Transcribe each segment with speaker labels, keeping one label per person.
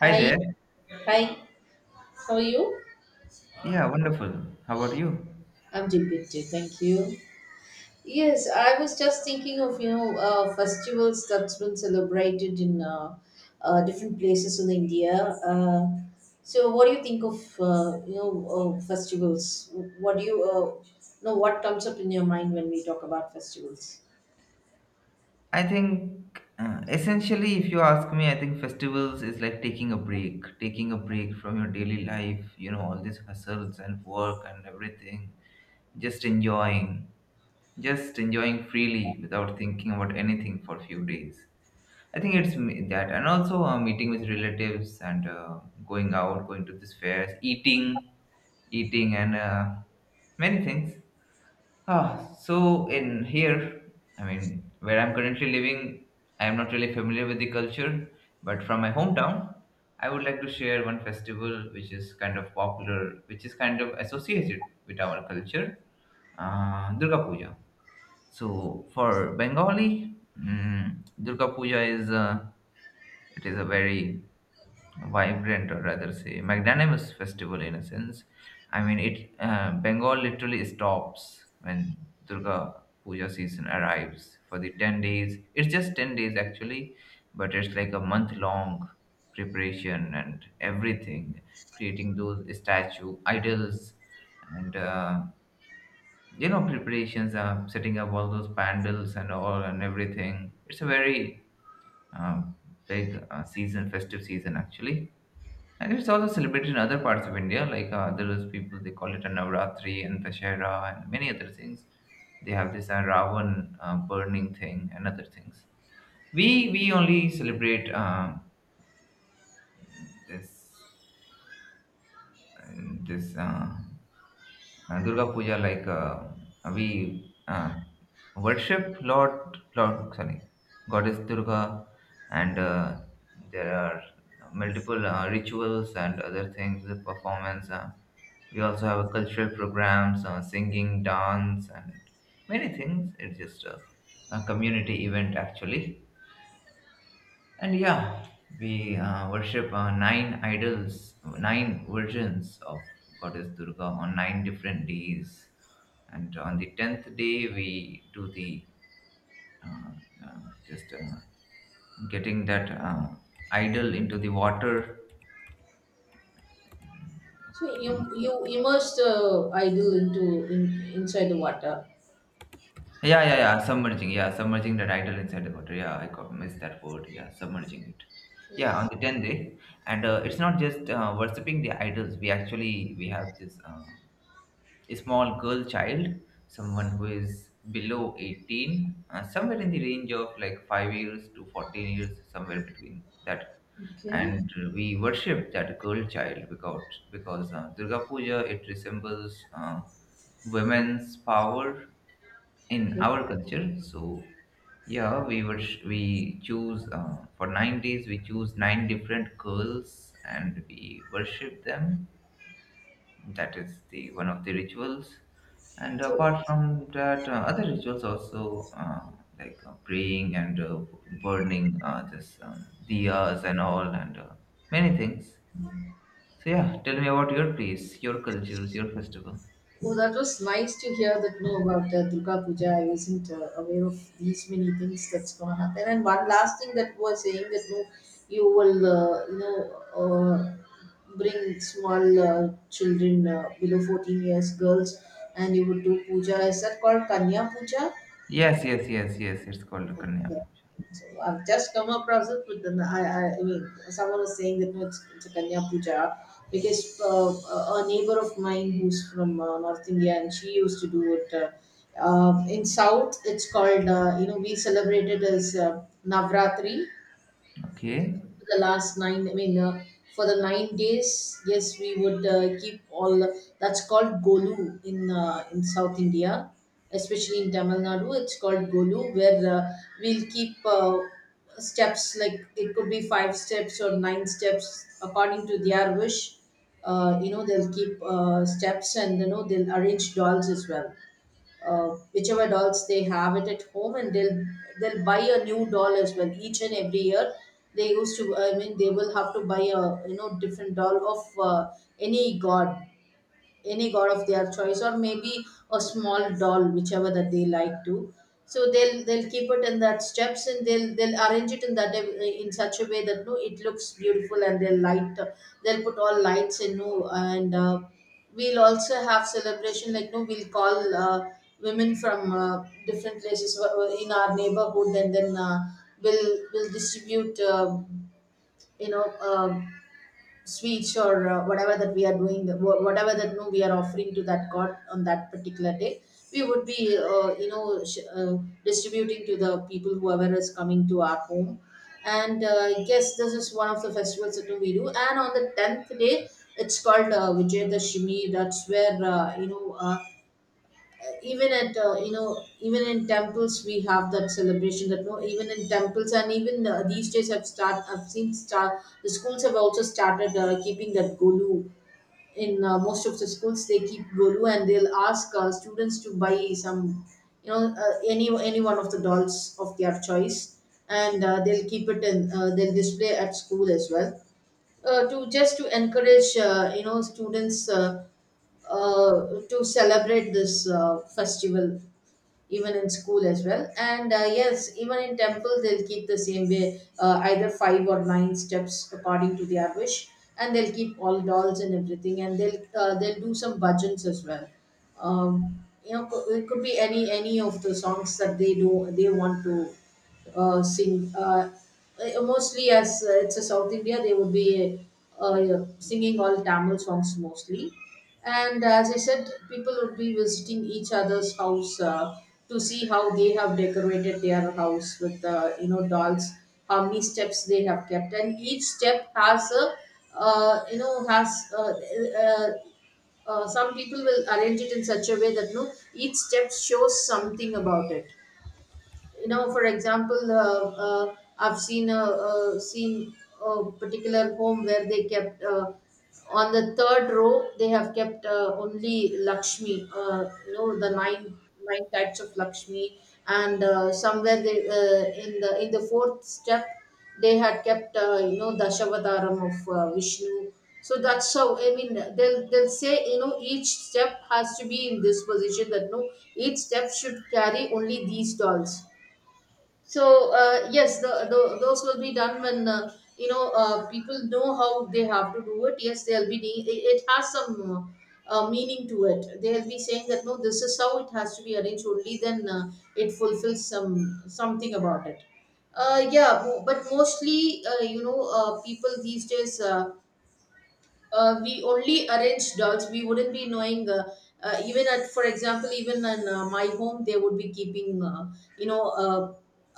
Speaker 1: Hi
Speaker 2: Hi,
Speaker 1: there.
Speaker 2: hi. How are you?
Speaker 1: Yeah, wonderful. How about you?
Speaker 2: I'm doing good too, thank you. Yes, I was just thinking of festivals that's been celebrated in different places in India. Uh, so, what do you think of festivals? What do you know? What comes up in your mind when we talk about festivals?
Speaker 1: I think essentially, if you ask me, I think festivals is like taking a break from your daily life, all these hustles and work and everything. Just enjoying, just enjoying freely without thinking about anything for a few days. I think it's that. And also meeting with relatives and going to these fairs, eating, and many things. Ah, so in here, I mean, where I'm currently living, I am not really familiar with the culture, but from my hometown, I would like to share one festival which is kind of popular, which is kind of associated with our culture, Durga Puja. So for Bengali, Durga Puja is it is a very vibrant, or rather say magnanimous, festival in a sense. I mean, it Bengal literally stops when Durga Puja season arrives for the 10 days. It's just 10 days actually, but it's like a month long preparation and everything, creating those statue idols and preparations, setting up all those pandals and all and everything. It's a very uh, big festive season actually, and it's also celebrated in other parts of India, like there is people, they call it a Navratri and Dashera and many other things. They have this Ravan burning thing and other things. We only celebrate this uh, this Durga Puja, like we worship Lord, sorry, Goddess Durga, and there are multiple rituals and other things, performance. We also have cultural programs, singing, dance, and many things. It's just a community event, actually. And yeah, we worship nine idols, nine versions of Goddess Durga on 9 different days. And on the 10th day, we do the uh, uh, just getting that idol into the water.
Speaker 2: So you
Speaker 1: Okay.
Speaker 2: you immerse the idol inside the water.
Speaker 1: Yeah, yeah, yeah. Submerging. Yeah, submerging that idol inside the water. Yeah, missed that word. Yeah, submerging it. Yeah, on the 10th day, and it's not just worshiping the idols. We actually we have this. A small girl child, someone who is below 18, somewhere in the range of like 5 years to 14 years, somewhere between that.
Speaker 2: Okay.
Speaker 1: And we worship that girl child, because Durga Puja, it resembles women's power in
Speaker 2: Okay.
Speaker 1: our culture. So yeah, we choose for 9 days. We choose nine different girls and we worship them. That is the one of the rituals, and
Speaker 2: So
Speaker 1: apart from that, other rituals also, like praying and burning this diyas and all, and many things. So yeah, tell me about your place, your cultures, your festival.
Speaker 2: Oh, that was nice to hear that you know about Durga Puja. I wasn't aware of these many things that's gonna happen. And one last thing that was saying that no, you will uh, bring small children below 14 years, girls, and you would do puja. Is that called Kanya Puja?
Speaker 1: Yes, yes, yes, yes, it's called Kanya.
Speaker 2: Yeah. So I've just come across it, but then I mean, someone was saying that no, it's a Kanya Puja because a neighbor of mine who's from North India and she used to do it. In South, it's called, we celebrate it as Navratri,
Speaker 1: Okay.
Speaker 2: the last nine for the 9 days. Yes, we would keep all that's called golu. In South India, especially in Tamil Nadu, it's called golu, where we'll keep steps, like it could be five steps or nine steps according to their wish. They'll keep steps, and you know they'll arrange dolls as well, whichever dolls they have it at home, and they'll buy a new doll as well each and every year. They used to, I mean, they will have to buy a, you know, different doll of any god, any god of their choice, or maybe a small doll whichever that they like to. So they'll keep it in that steps, and they'll arrange it in that in such a way that no, it looks beautiful, and they'll light, they'll put all lights in no. And we'll also have celebration, like no, we'll call women from different places in our neighborhood, and then we'll distribute, you know, sweets or whatever that we are doing, whatever that, you know, we are offering to that god on that particular day, we would be, distributing to the people whoever is coming to our home. And yes, this is one of the festivals that we do. And on the tenth day, it's called Vijay. That's where even at, even in temples we have that celebration that no, even in temples, and even these days I've seen start, the schools have also started keeping that golu. In most of the schools they keep golu, and they'll ask students to buy some, you know, any one of the dolls of their choice. And they'll keep it in, they'll display at school as well, to just to encourage, students, uh, to celebrate this festival even in school as well. And yes, even in temple they'll keep the same way, either five or nine steps according to their wish, and they'll keep all dolls and everything, and they'll do some bhajans as well. It could be any of the songs that they do they want to sing. Mostly as it's a South India, they would be singing all Tamil songs mostly. And as I said, people would be visiting each other's house to see how they have decorated their house with, you know, dolls, how many steps they have kept, and each step has a, you know has uh, uh, some people will arrange it in such a way that no, each step shows something about it, you know. For example, I've seen uh seen a particular home where they kept, on the third row they have kept only lakshmi, the nine, nine types of lakshmi. And somewhere they in the fourth step they had kept, dashavataram of vishnu. So that's how, I mean, they'll say, you know, each step has to be in this position, that no, each step should carry only these dolls. So yes, the those will be done when, people know how they have to do it. Yes, it it has some meaning to it. They'll be saying that no, this is how it has to be arranged. Only then it fulfills some something about it. But mostly, people these days, we only arrange dogs, we wouldn't be knowing. Even at, for example, even in my home, they would be keeping, you know uh,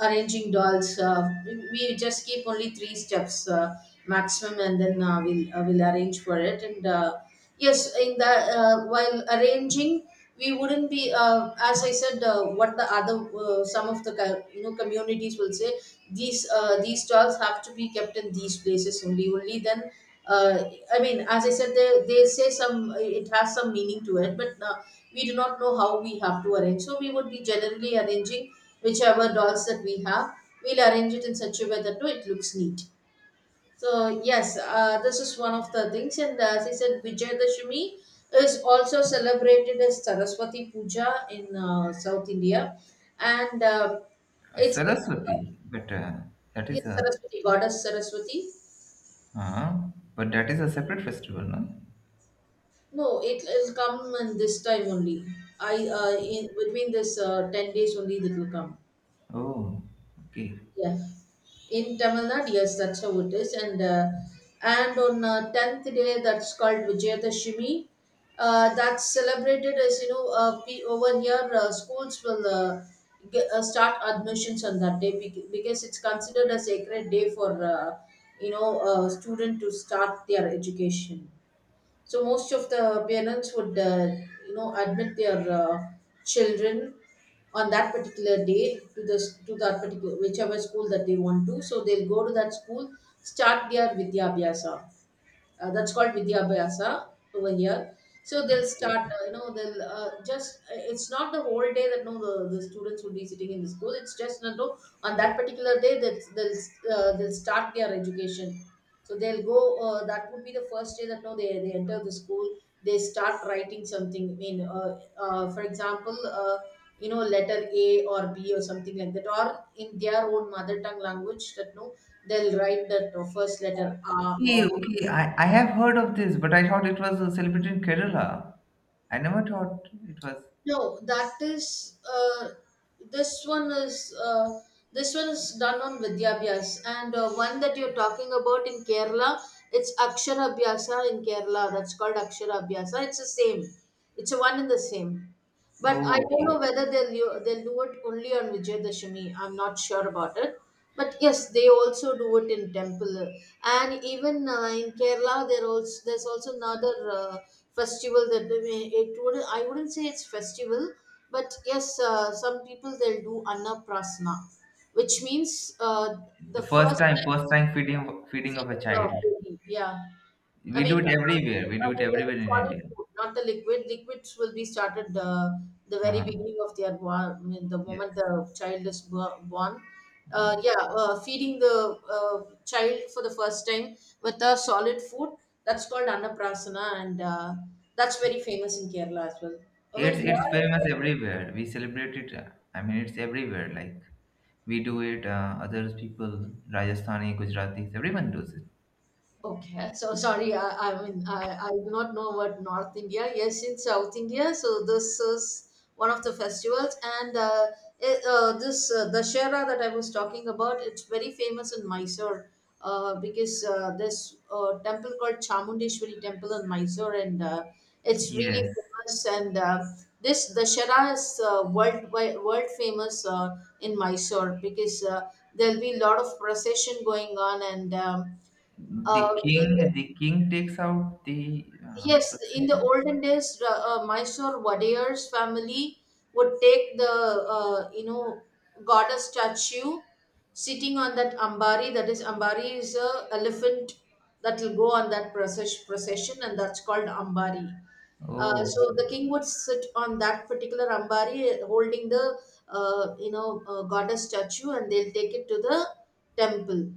Speaker 2: arranging dolls. We just keep only three steps maximum, and then we'll arrange for it. And yes, in the while arranging, we wouldn't be, as I said, what the other, some of the communities will say, these dolls have to be kept in these places only, only then, uh, I mean, as I said, they say some, it has some meaning to it. But we do not know how we have to arrange. So we would be generally arranging whichever dolls that we have. We'll arrange it in such a way that no, it looks neat. So yes, this is one of the things. And as I said, Vijayadashami is also celebrated as Saraswati Puja in South India. And it's
Speaker 1: Saraswati, but that is
Speaker 2: yes,
Speaker 1: a
Speaker 2: Saraswati, goddess Saraswati.
Speaker 1: uh, but that is a separate festival, no?
Speaker 2: No, it will come in this time only. I in between this 10 days only it will come.
Speaker 1: Oh, okay,
Speaker 2: Yeah, in Tamil Nadu, yes, that's how it is. And on tenth day, that's called Vijayadashmi. That's celebrated as you know. Over here, schools will, start admissions on that day, because it's considered a sacred day for, student to start their education. So most of the parents would, you know, admit their children on that particular day to the, to that particular whichever school that they want to. So they'll go to that school, start their Vidyaabhyasa, that's called Vidyabhyasa over here. So they'll
Speaker 1: okay.
Speaker 2: start, it's not the whole day that no, the students will be sitting in the school. It's just, you know, on that particular day that they'll start their education. So they'll go, that would be the first day that no, they enter the school, they start writing something. I mean, for example, you know, letter A or B or something like that, or in their own mother tongue language that no, they'll write that first letter R
Speaker 1: Okay,
Speaker 2: or.
Speaker 1: okay. I have heard of this, but I thought it was celebrated in Kerala. I never thought it was.
Speaker 2: No, that is this one is uh, this one is done on Vidyabhyas. And one that you're talking about in Kerala, it's Akshara Abhyasa in Kerala. That's called Akshara Abhyasa. It's the same. It's a one and the same. But
Speaker 1: Oh,
Speaker 2: I don't
Speaker 1: okay.
Speaker 2: know whether they'll do it only on Vijayadashami. I'm not sure about it. But yes, they also do it in temple. And even in Kerala, there also, there's also another festival that it would, I wouldn't say it's festival. But yes, some people they'll do annaprasna, which means uh,
Speaker 1: The
Speaker 2: the
Speaker 1: first
Speaker 2: first
Speaker 1: time,
Speaker 2: time.
Speaker 1: first time feeding of a
Speaker 2: Feeding a
Speaker 1: child.
Speaker 2: baby, yeah.
Speaker 1: We do it everywhere. We
Speaker 2: I
Speaker 1: do it
Speaker 2: mean the
Speaker 1: everywhere in
Speaker 2: solid
Speaker 1: India.
Speaker 2: food, not the liquid. Liquids will be started the very
Speaker 1: Uh,
Speaker 2: beginning of their born, I mean, the
Speaker 1: yes,
Speaker 2: moment the child is born.
Speaker 1: yes.
Speaker 2: Yeah, feeding the child for the first time with a solid food. That's called annaprasana. And that's very famous in Kerala as well. Over
Speaker 1: It's
Speaker 2: here,
Speaker 1: it's famous everywhere. We celebrate it. I mean, it's everywhere. Like we do it. Other people, Rajasthani, Gujaratis, everyone does it.
Speaker 2: okay, so sorry, I do not know about North India. Yes, in South India, so this is one of the festivals. And it, this Dashera that I was talking about, it's very famous in Mysore, because there's a temple called Chamundeshwari Temple in Mysore. And it's really
Speaker 1: Yes.
Speaker 2: famous. And this Dashera is world world famous in Mysore, because there'll be a lot of procession going on. And uh,
Speaker 1: The
Speaker 2: in the-
Speaker 1: king, the king takes out the
Speaker 2: yes, in the
Speaker 1: procession.
Speaker 2: olden days, Mysore Wadeyar's family would take the, uh, you know goddess statue, sitting on that ambari. That is, ambari is a elephant that will go on that process, procession, and that's called ambari. Uh,
Speaker 1: Oh,
Speaker 2: so the
Speaker 1: okay.
Speaker 2: king would sit on that particular ambari, holding the goddess statue, and they'll take it to the temple.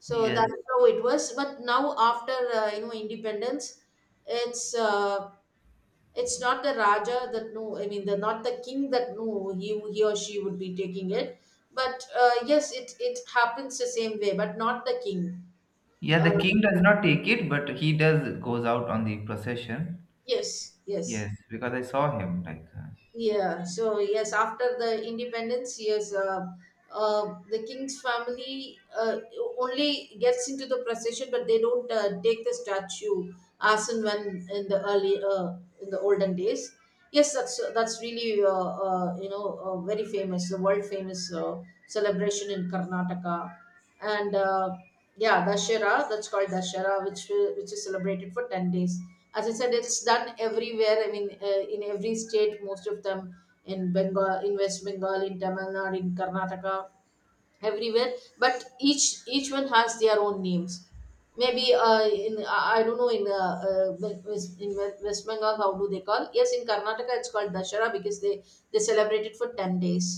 Speaker 2: So
Speaker 1: Yes.
Speaker 2: that's how it was. But now after independence, it's uh, it's not the Raja that no, I mean the not the king that no he or she would be taking it. But yes, it happens the same way, but not the king.
Speaker 1: Yeah,
Speaker 2: Uh,
Speaker 1: the king does not take it, but he does goes out on the procession.
Speaker 2: yes, yes.
Speaker 1: Yes, because I saw him like. Uh,
Speaker 2: Yes, after the independence, yes, the king's family only gets into the procession, but they don't take the statue as and when in the early in the olden days. Yes, that's really very famous, the world famous celebration in Karnataka and yeah, dashera, that's called dashera which is celebrated for 10 days. As I said, it's done everywhere. I mean, in every state, most of them, in Bengal, in West Bengal, in Tamil Nadu, in Karnataka, everywhere. But each one has their own names. Maybe in I don't know, in in West Bengal, how do they call? Yes, in Karnataka it's called dashera because they celebrate it for 10 days.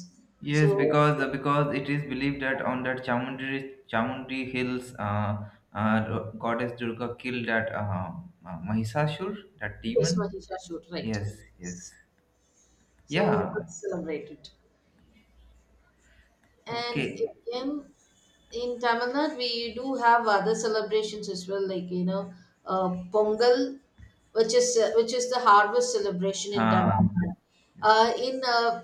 Speaker 2: So
Speaker 1: yes, because
Speaker 2: Oh,
Speaker 1: uh, because it is believed that on that Chamundi hills, goddess Durga killed that Mahisasur, that
Speaker 2: this
Speaker 1: demon.
Speaker 2: much is right.
Speaker 1: Yes, yes.
Speaker 2: So
Speaker 1: Yeah.
Speaker 2: let's celebrate it. And
Speaker 1: Okay.
Speaker 2: again, in Tamil Nadu, we do have other celebrations as well, like, you know, Pongal, which is the harvest celebration in Tamil
Speaker 1: Huh.
Speaker 2: Nadu. Uh, in uh,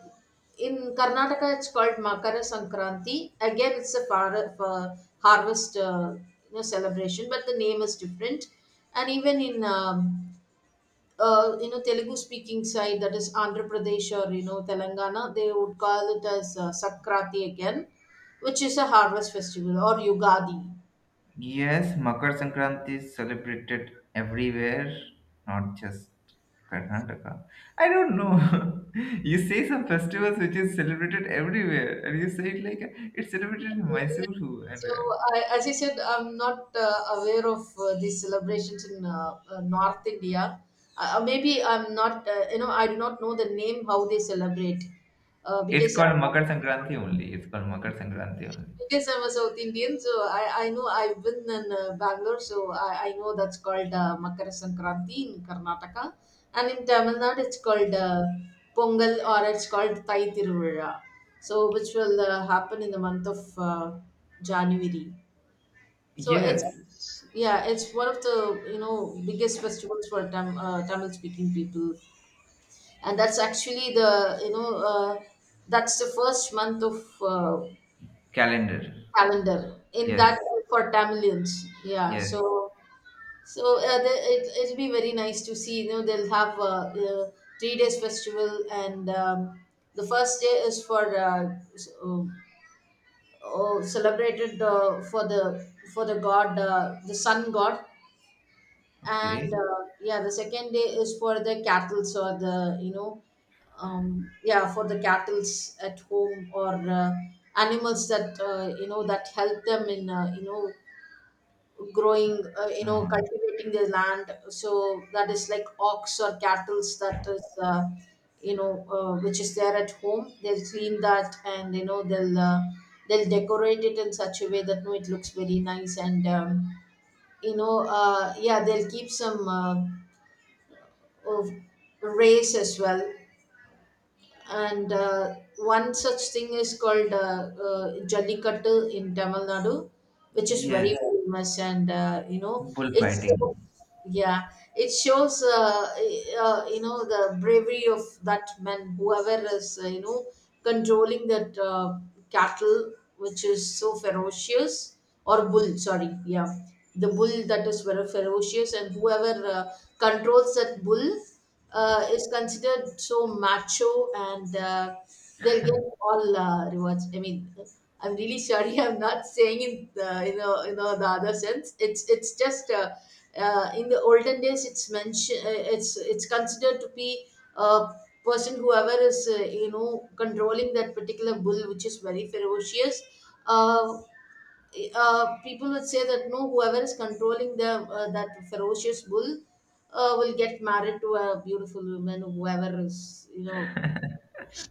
Speaker 2: in Karnataka, it's called Makara Sankranti. Again, it's a far, harvest, celebration, but the name is different. And even in Telugu speaking side, that is Andhra Pradesh or, you know, Telangana, they would call it as Sakrati again, which is a harvest festival, or Yugadi.
Speaker 1: Yes, Makar Sankranti is celebrated everywhere, not just Karnataka. I don't know. You say some festivals which is celebrated everywhere, and you say it like it's celebrated in
Speaker 2: Yeah.
Speaker 1: Mysore too, and
Speaker 2: So, I, as I said, I'm not aware of these celebrations in North India. Maybe I'm not, I do not know the name, how they celebrate,
Speaker 1: it's
Speaker 2: because I,
Speaker 1: called Makar Sankranti only. It's called Makar Sankranti only.
Speaker 2: yes, I'm a South Indian, so I know, I've been in Bangalore, so I know that's called Makara Sankranti in Karnataka, and in Tamil Nadu it's called Pongal, or it's called Thai Tiruvira, so which will happen in the month of January. So it's
Speaker 1: Yes,
Speaker 2: Yeah, it's one of the, you know, biggest festivals for Tamil-speaking people, and that's actually the, that's the first month of uh,
Speaker 1: calendar.
Speaker 2: calendar in
Speaker 1: Yes,
Speaker 2: that, for Tamilians. Yeah,
Speaker 1: yes.
Speaker 2: so the, it'll be very nice to see. You know, they'll have three days festival, and the first day is for celebrated for the god, the sun god, and
Speaker 1: Okay.
Speaker 2: yeah, the second day is for the cattle's, or the, yeah, for the cattle's at home, or animals that that help them in, you know, growing,
Speaker 1: Um,
Speaker 2: cultivating their land, so that is like ox or cattle that is which is there at home. They'll clean that, and, you know, they'll decorate it in such a way that no, it looks very nice, and yeah, they'll keep some of rays as well. And one such thing is called Jallikattu in Tamil Nadu, which is
Speaker 1: yes,
Speaker 2: very famous, and, you know, it
Speaker 1: bullfighting.
Speaker 2: shows, yeah, it shows the bravery of that man, whoever is, you know, controlling that cattle, which is so ferocious, or bull, sorry, yeah, the bull that is very ferocious, and whoever controls that bull is considered so macho, and they'll get all rewards. I mean, I'm really sorry. I'm not saying in the, you know, the other sense. It's just in the olden days. It's mentioned. It's considered to be a person whoever is, you know, controlling that particular bull, which is very ferocious. Uh, People would say that no, whoever is controlling the that ferocious bull will get married to a beautiful woman. Whoever is, you know,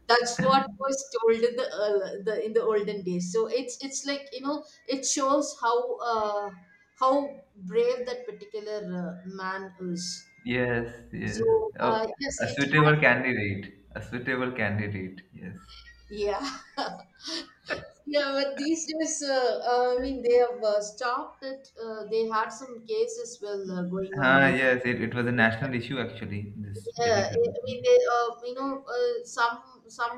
Speaker 2: that's what was told in the, in the olden days. So it's like, you know, it shows how how brave that particular man is.
Speaker 1: Yes, yes.
Speaker 2: So
Speaker 1: Oh,
Speaker 2: yes,
Speaker 1: a
Speaker 2: it has.
Speaker 1: suitable candidate. A suitable candidate. Yes.
Speaker 2: Yeah. Yeah, but these days, I mean, they have stopped it. They had some cases well going
Speaker 1: Ah,
Speaker 2: on.
Speaker 1: yes, it was a national issue actually, this
Speaker 2: Yeah, I
Speaker 1: Jallikattu.
Speaker 2: I mean, they, some some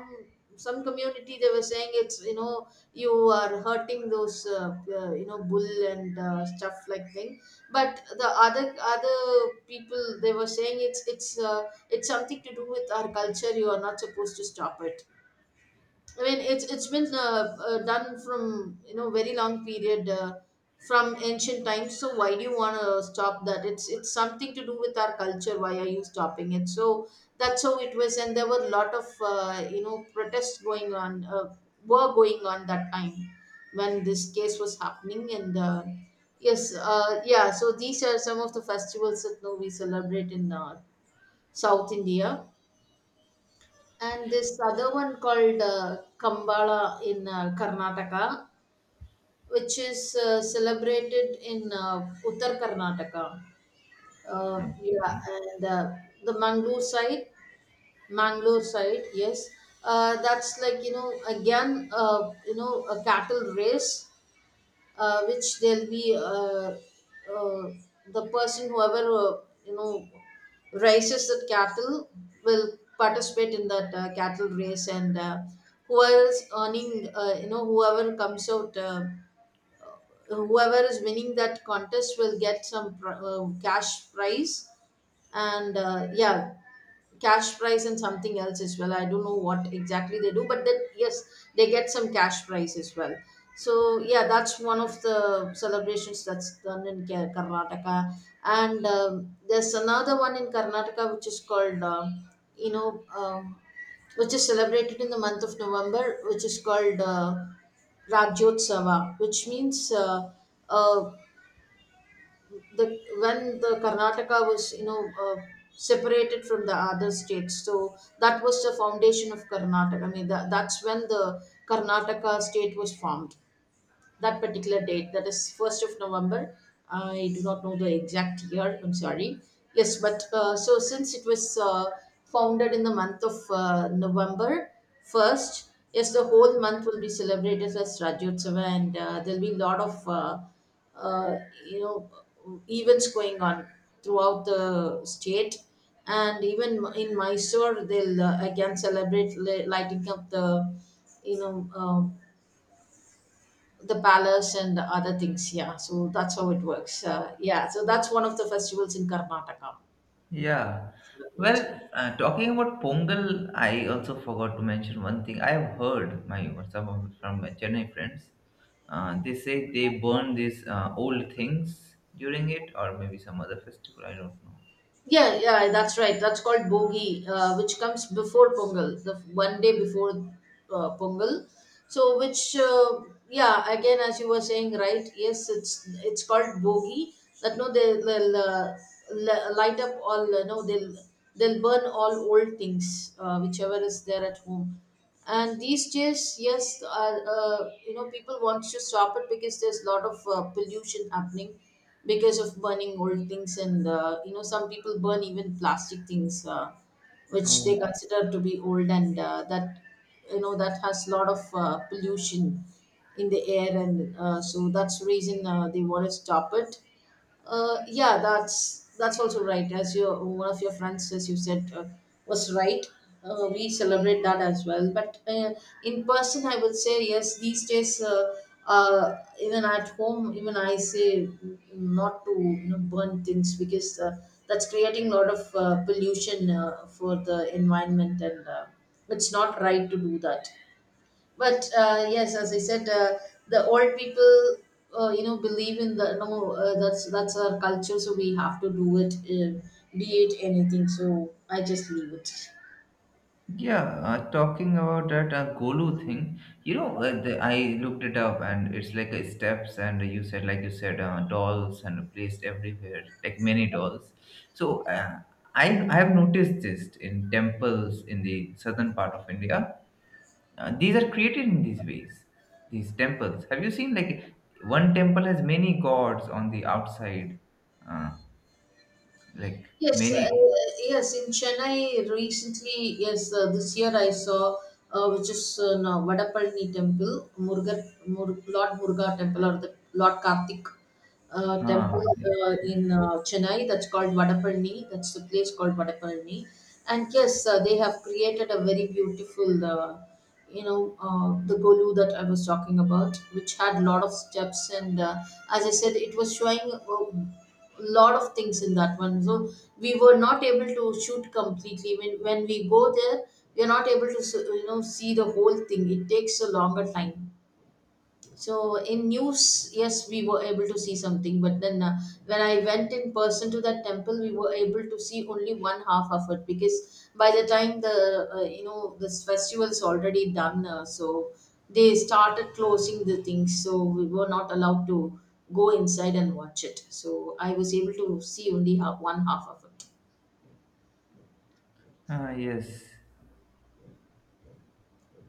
Speaker 2: some community, they were saying it's, you know, you are hurting those bull and stuff like thing. But the other people, they were saying it's, it's something to do with our culture. You are not supposed to stop it. I mean, it's been done from, you know, very long period, from ancient times. So why do you want to stop that? It's something to do with our culture. Why are you stopping it? So that's how it was, and there were a lot of, protests going on, were going on that time when this case was happening, and yes, yeah. So these are some of the festivals that now we celebrate in South India. And this other one called Kambala in Karnataka, which is celebrated in Uttar Karnataka. Yeah,
Speaker 1: Okay.
Speaker 2: and the Mangalore side, yes. That's like, you know, again, you know, a cattle race, which there'll be, uh, the person whoever, you know raises the cattle, will participate in that cattle race, and whoever is earning, whoever comes out, whoever is winning that contest will get some cash prize, and yeah, cash prize and something else as well. I don't know what exactly they do, but then yes, they get some cash prize as well. So yeah, that's one of the celebrations that's done in Karnataka. And there's another one in Karnataka which is called you know um, which is celebrated in the month of November, which is called Rajyotsava, which means uh, the, when the Karnataka was, you know, separated from the other states, so that was the foundation of Karnataka. I mean that, that's when the Karnataka state was formed, that particular date, that is 1st of November. I do not know the exact year, I'm sorry. Yes, but so since it was founded in the month of November 1st, yes, the whole month will be celebrated as Rajyotsava, and there'll be a lot of, uh, you know events going on throughout the state. And even in Mysore, they'll again celebrate lighting up the, you know, um, the ballast and the other things. Yeah, so that's how it works. Yeah, so that's one of the festivals in Karnataka.
Speaker 1: Yeah.
Speaker 2: Celebrate.
Speaker 1: Well, talking about Pongal, I also forgot to mention one thing. I have heard my some of from my Chennai friends. They say they burn these old things during it, or maybe some other festival. I don't know.
Speaker 2: Yeah, yeah, that's right. That's called Bogi, which comes before Pongal, the one day before Pongal. So, which, yeah, again, as you were saying, right? Yes, it's called Bogi. That no, light up all. No, they'll burn all old things, whichever is there at home. And these days, yes, people want to stop it because there's a lot of pollution happening because of burning old things. And, you know, some people burn even plastic things, which they
Speaker 1: Oh.
Speaker 2: consider to be old, and that, you know, that has a lot of pollution in the air. And so that's the reason they want to stop it. Yeah, that's also right. As your one of your friends, as you said, was right. We celebrate that as well. But in person, I would say yes. These days, even at home, even I say mm, not to, you know, burn things because that's creating a lot of pollution for the environment, and it's not right to do that. But yes, as I said, the old people, believe in the no, that's that's our culture, so we have to do it, be it anything. So I just leave it.
Speaker 1: Yeah, talking about that Golu thing, I looked it up, and it's like steps, and like you said, dolls and placed everywhere, like many dolls. So I have noticed this in temples in the southern part of India. These are created in these ways. These temples. Have you seen like one temple has many gods on the outside, uh, like
Speaker 2: Yes,
Speaker 1: many.
Speaker 2: yes. In Chennai recently, yes, this year I saw, which is now Vadapalani Temple, Lord Muruga Temple, or the Lord Karthik
Speaker 1: Uh,
Speaker 2: Temple in Chennai. That's called Vadapalani. That's the place called Vadapalani. And yes, they have created a very beautiful the golu that I was talking about, which had a lot of steps and, as I said, it was showing a lot of things in that one. So we were not able to shoot completely. When we go there, we are not able to see the whole thing. It takes a longer time. So in news, yes, we were able to see something, but then, when I went in person to that temple, we were able to see only one half of it, because by the time the you know this festival's already done, so they started closing the things, so we were not allowed to go inside and watch it. So I was able to see only half, one half of it.
Speaker 1: yes.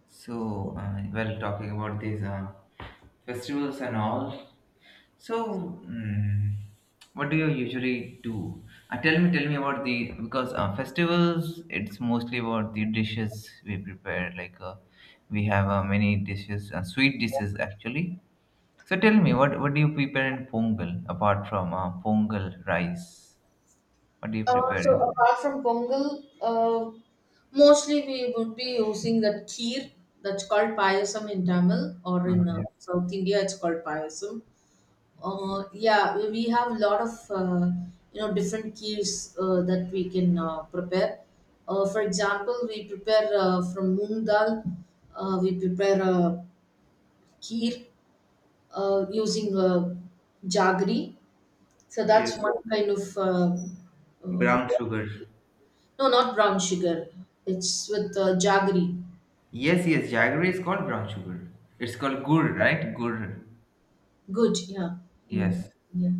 Speaker 1: So, well, talking about these festivals and all. So, what do you usually do? Tell me about the because festivals. It's mostly about the dishes we prepare. Like we have many dishes, sweet dishes actually. So tell me, what do you prepare in Pongal apart from Pongal rice? What do you
Speaker 2: Uh,
Speaker 1: prepare?
Speaker 2: so
Speaker 1: In?
Speaker 2: apart from pongal, mostly we would be using that kheer. That's called payasam in Tamil, or
Speaker 1: Uh,
Speaker 2: in
Speaker 1: yes,
Speaker 2: South India it's called payasam. Yeah, we have a lot of different kheers that we can prepare. For example, we prepare from moong dal. We prepare kheer using jaggery. So
Speaker 1: yes,
Speaker 2: that's one kind of uh,
Speaker 1: brown sugar.
Speaker 2: no, not brown sugar. It's with jaggery.
Speaker 1: Yes, yes, jaggery is called brown sugar. It's called gur, right? Gur.
Speaker 2: Good, yeah. In,
Speaker 1: Yes.
Speaker 2: yeah.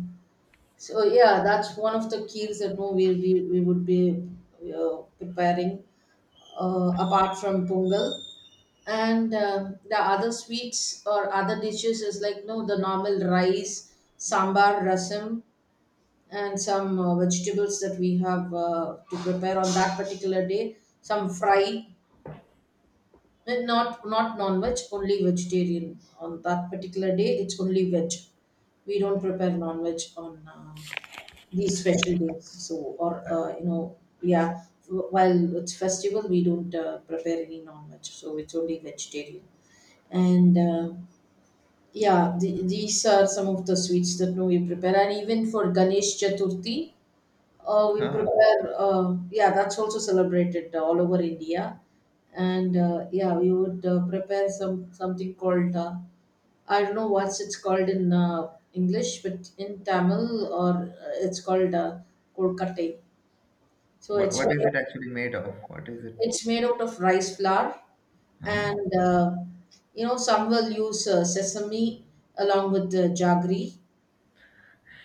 Speaker 2: So yeah, that's one of the keels that no, we would be preparing apart from pongal. And the other sweets or other dishes is like no the normal rice, sambar, rasam, and some vegetables that we have to prepare on that particular day. Some fry. Well, not non-veg, only vegetarian. On that particular day, it's only veg. We don't prepare non-veg on these special days. So, or yeah, while it's festival, we don't prepare any non-veg. So it's only vegetarian. And yeah, these are some of the sweets that we prepare. And even for Ganesh Chaturthi, we
Speaker 1: Huh.
Speaker 2: prepare, yeah, that's also celebrated all over India. And yeah, we would prepare something called, I don't know what's it's called in English, but in Tamil or it's called kolkattai. So
Speaker 1: What,
Speaker 2: it's
Speaker 1: what is
Speaker 2: made
Speaker 1: it
Speaker 2: of,
Speaker 1: actually made of? What is it?
Speaker 2: it's made out of rice flour
Speaker 1: Uh-huh.
Speaker 2: and, some will use sesame along with the jaggery.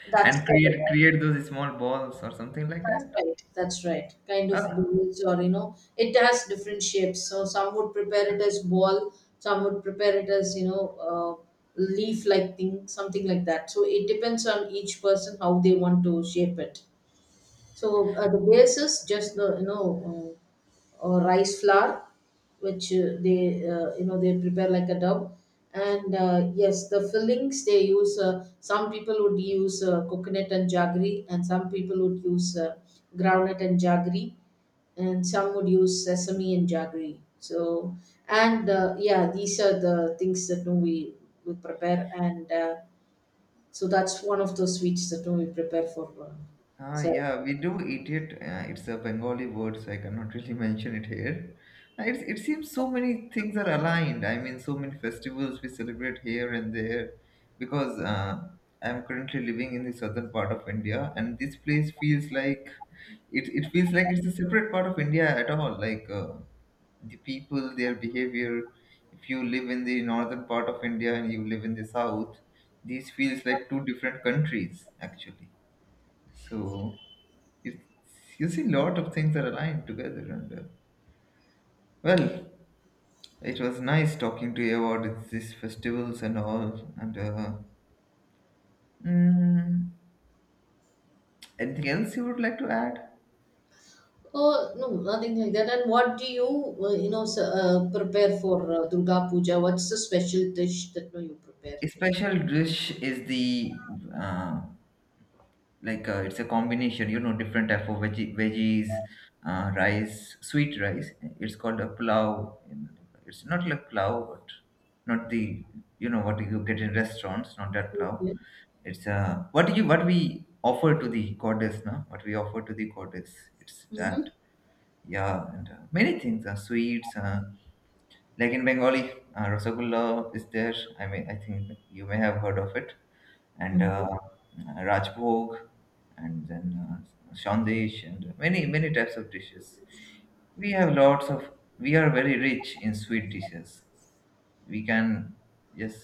Speaker 2: That's
Speaker 1: And
Speaker 2: the—
Speaker 1: create those small balls or something like
Speaker 2: That's
Speaker 1: that.
Speaker 2: right. That's right. Kind of
Speaker 1: Ah.
Speaker 2: balls, or you know, it has different shapes. So some would prepare it as ball, some would prepare it as leaf-like thing, something like that. So it depends on each person how they want to shape it. So the base is just the you know uh, or rice flour, which they, they prepare like a dough. And yes, the fillings they use. Some people would use coconut and jaggery, and some people would use groundnut and jaggery, and some would use sesame and jaggery. So and yeah, these are the things that we prepare, and so that's one of those sweets that we prepare for.
Speaker 1: Ah,
Speaker 2: So
Speaker 1: yeah, we do eat it. It's a Bengali word, so I cannot really mention it here. It seems so many things are aligned. I mean, so many festivals we celebrate here and there, because I'm currently living in the southern part of India, and this place feels like it feels like it's a separate part of India at all. Like the people, their behavior. If you live in the northern part of India and you live in the south, these feels like two different countries actually. So it's, you see lot of things are aligned together, and well, it was nice talking to you about these festivals and all, and mm, anything else you would like to add?
Speaker 2: Oh, no, nothing like that. And what do you, prepare for Durga Puja? What's the special dish that you prepare?
Speaker 1: A special dish is the uh, like it's a combination, you know, different type of veggies, rice sweet rice. It's called a plow. It's not like plow, but not the, you know what you get in restaurants, not that plow.
Speaker 2: Okay.
Speaker 1: It's what we offer to the goddess, no, what we offer to the goddess, it's
Speaker 2: Mm-hmm.
Speaker 1: that. Yeah, and many things are sweets, like in Bengali, Rasgulla is there. I mean, I think you may have heard of it. And Rajbhog, and then Shandesh, and many, many types of dishes. We have lots of, we are very rich in sweet dishes. We can just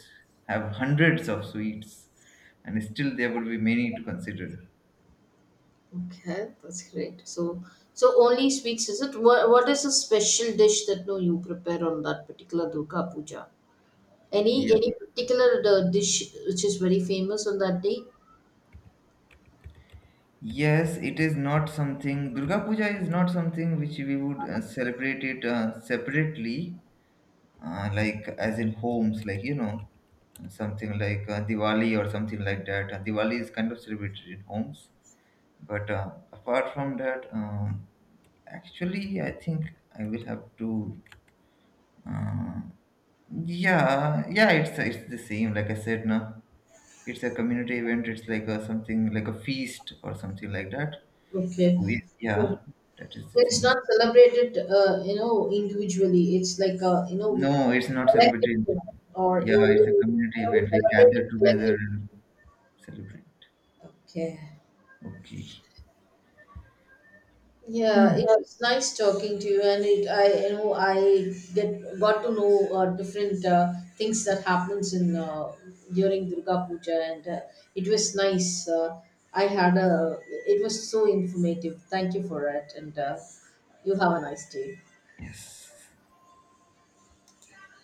Speaker 1: have hundreds of sweets, and still there will be many to consider.
Speaker 2: Okay, that's great. So, so only sweets, is it? What is a special dish that no you prepare on that particular Durga Puja? Any
Speaker 1: Yeah.
Speaker 2: any particular dish which is very famous on that day?
Speaker 1: Yes, it is not something. Durga Puja is not something which we would celebrate it separately. Like as in homes, like something like Diwali or something like that. Diwali is kind of celebrated in homes, but apart from that, actually, I think I will have to. Uh, yeah, yeah, it's the same. Like I said, now it's a community event. It's like a something like a feast or something like that. So
Speaker 2: Okay.
Speaker 1: we, yeah, that is the
Speaker 2: So it's
Speaker 1: thing.
Speaker 2: not celebrated, individually. It's like a, you know,
Speaker 1: No, it's not
Speaker 2: collective,
Speaker 1: celebrated.
Speaker 2: thing, or you
Speaker 1: Yeah, it's a community event. We
Speaker 2: celebrate
Speaker 1: gather
Speaker 2: it
Speaker 1: together
Speaker 2: collectively.
Speaker 1: and celebrate.
Speaker 2: Okay.
Speaker 1: Okay.
Speaker 2: Yeah, it
Speaker 1: Hmm.
Speaker 2: was nice talking to you, and it I you know I get got to know different things that happens in during Durga Puja, and it was nice. I had a— it was so informative. Thank you for it, and you have a nice day.
Speaker 1: Yes.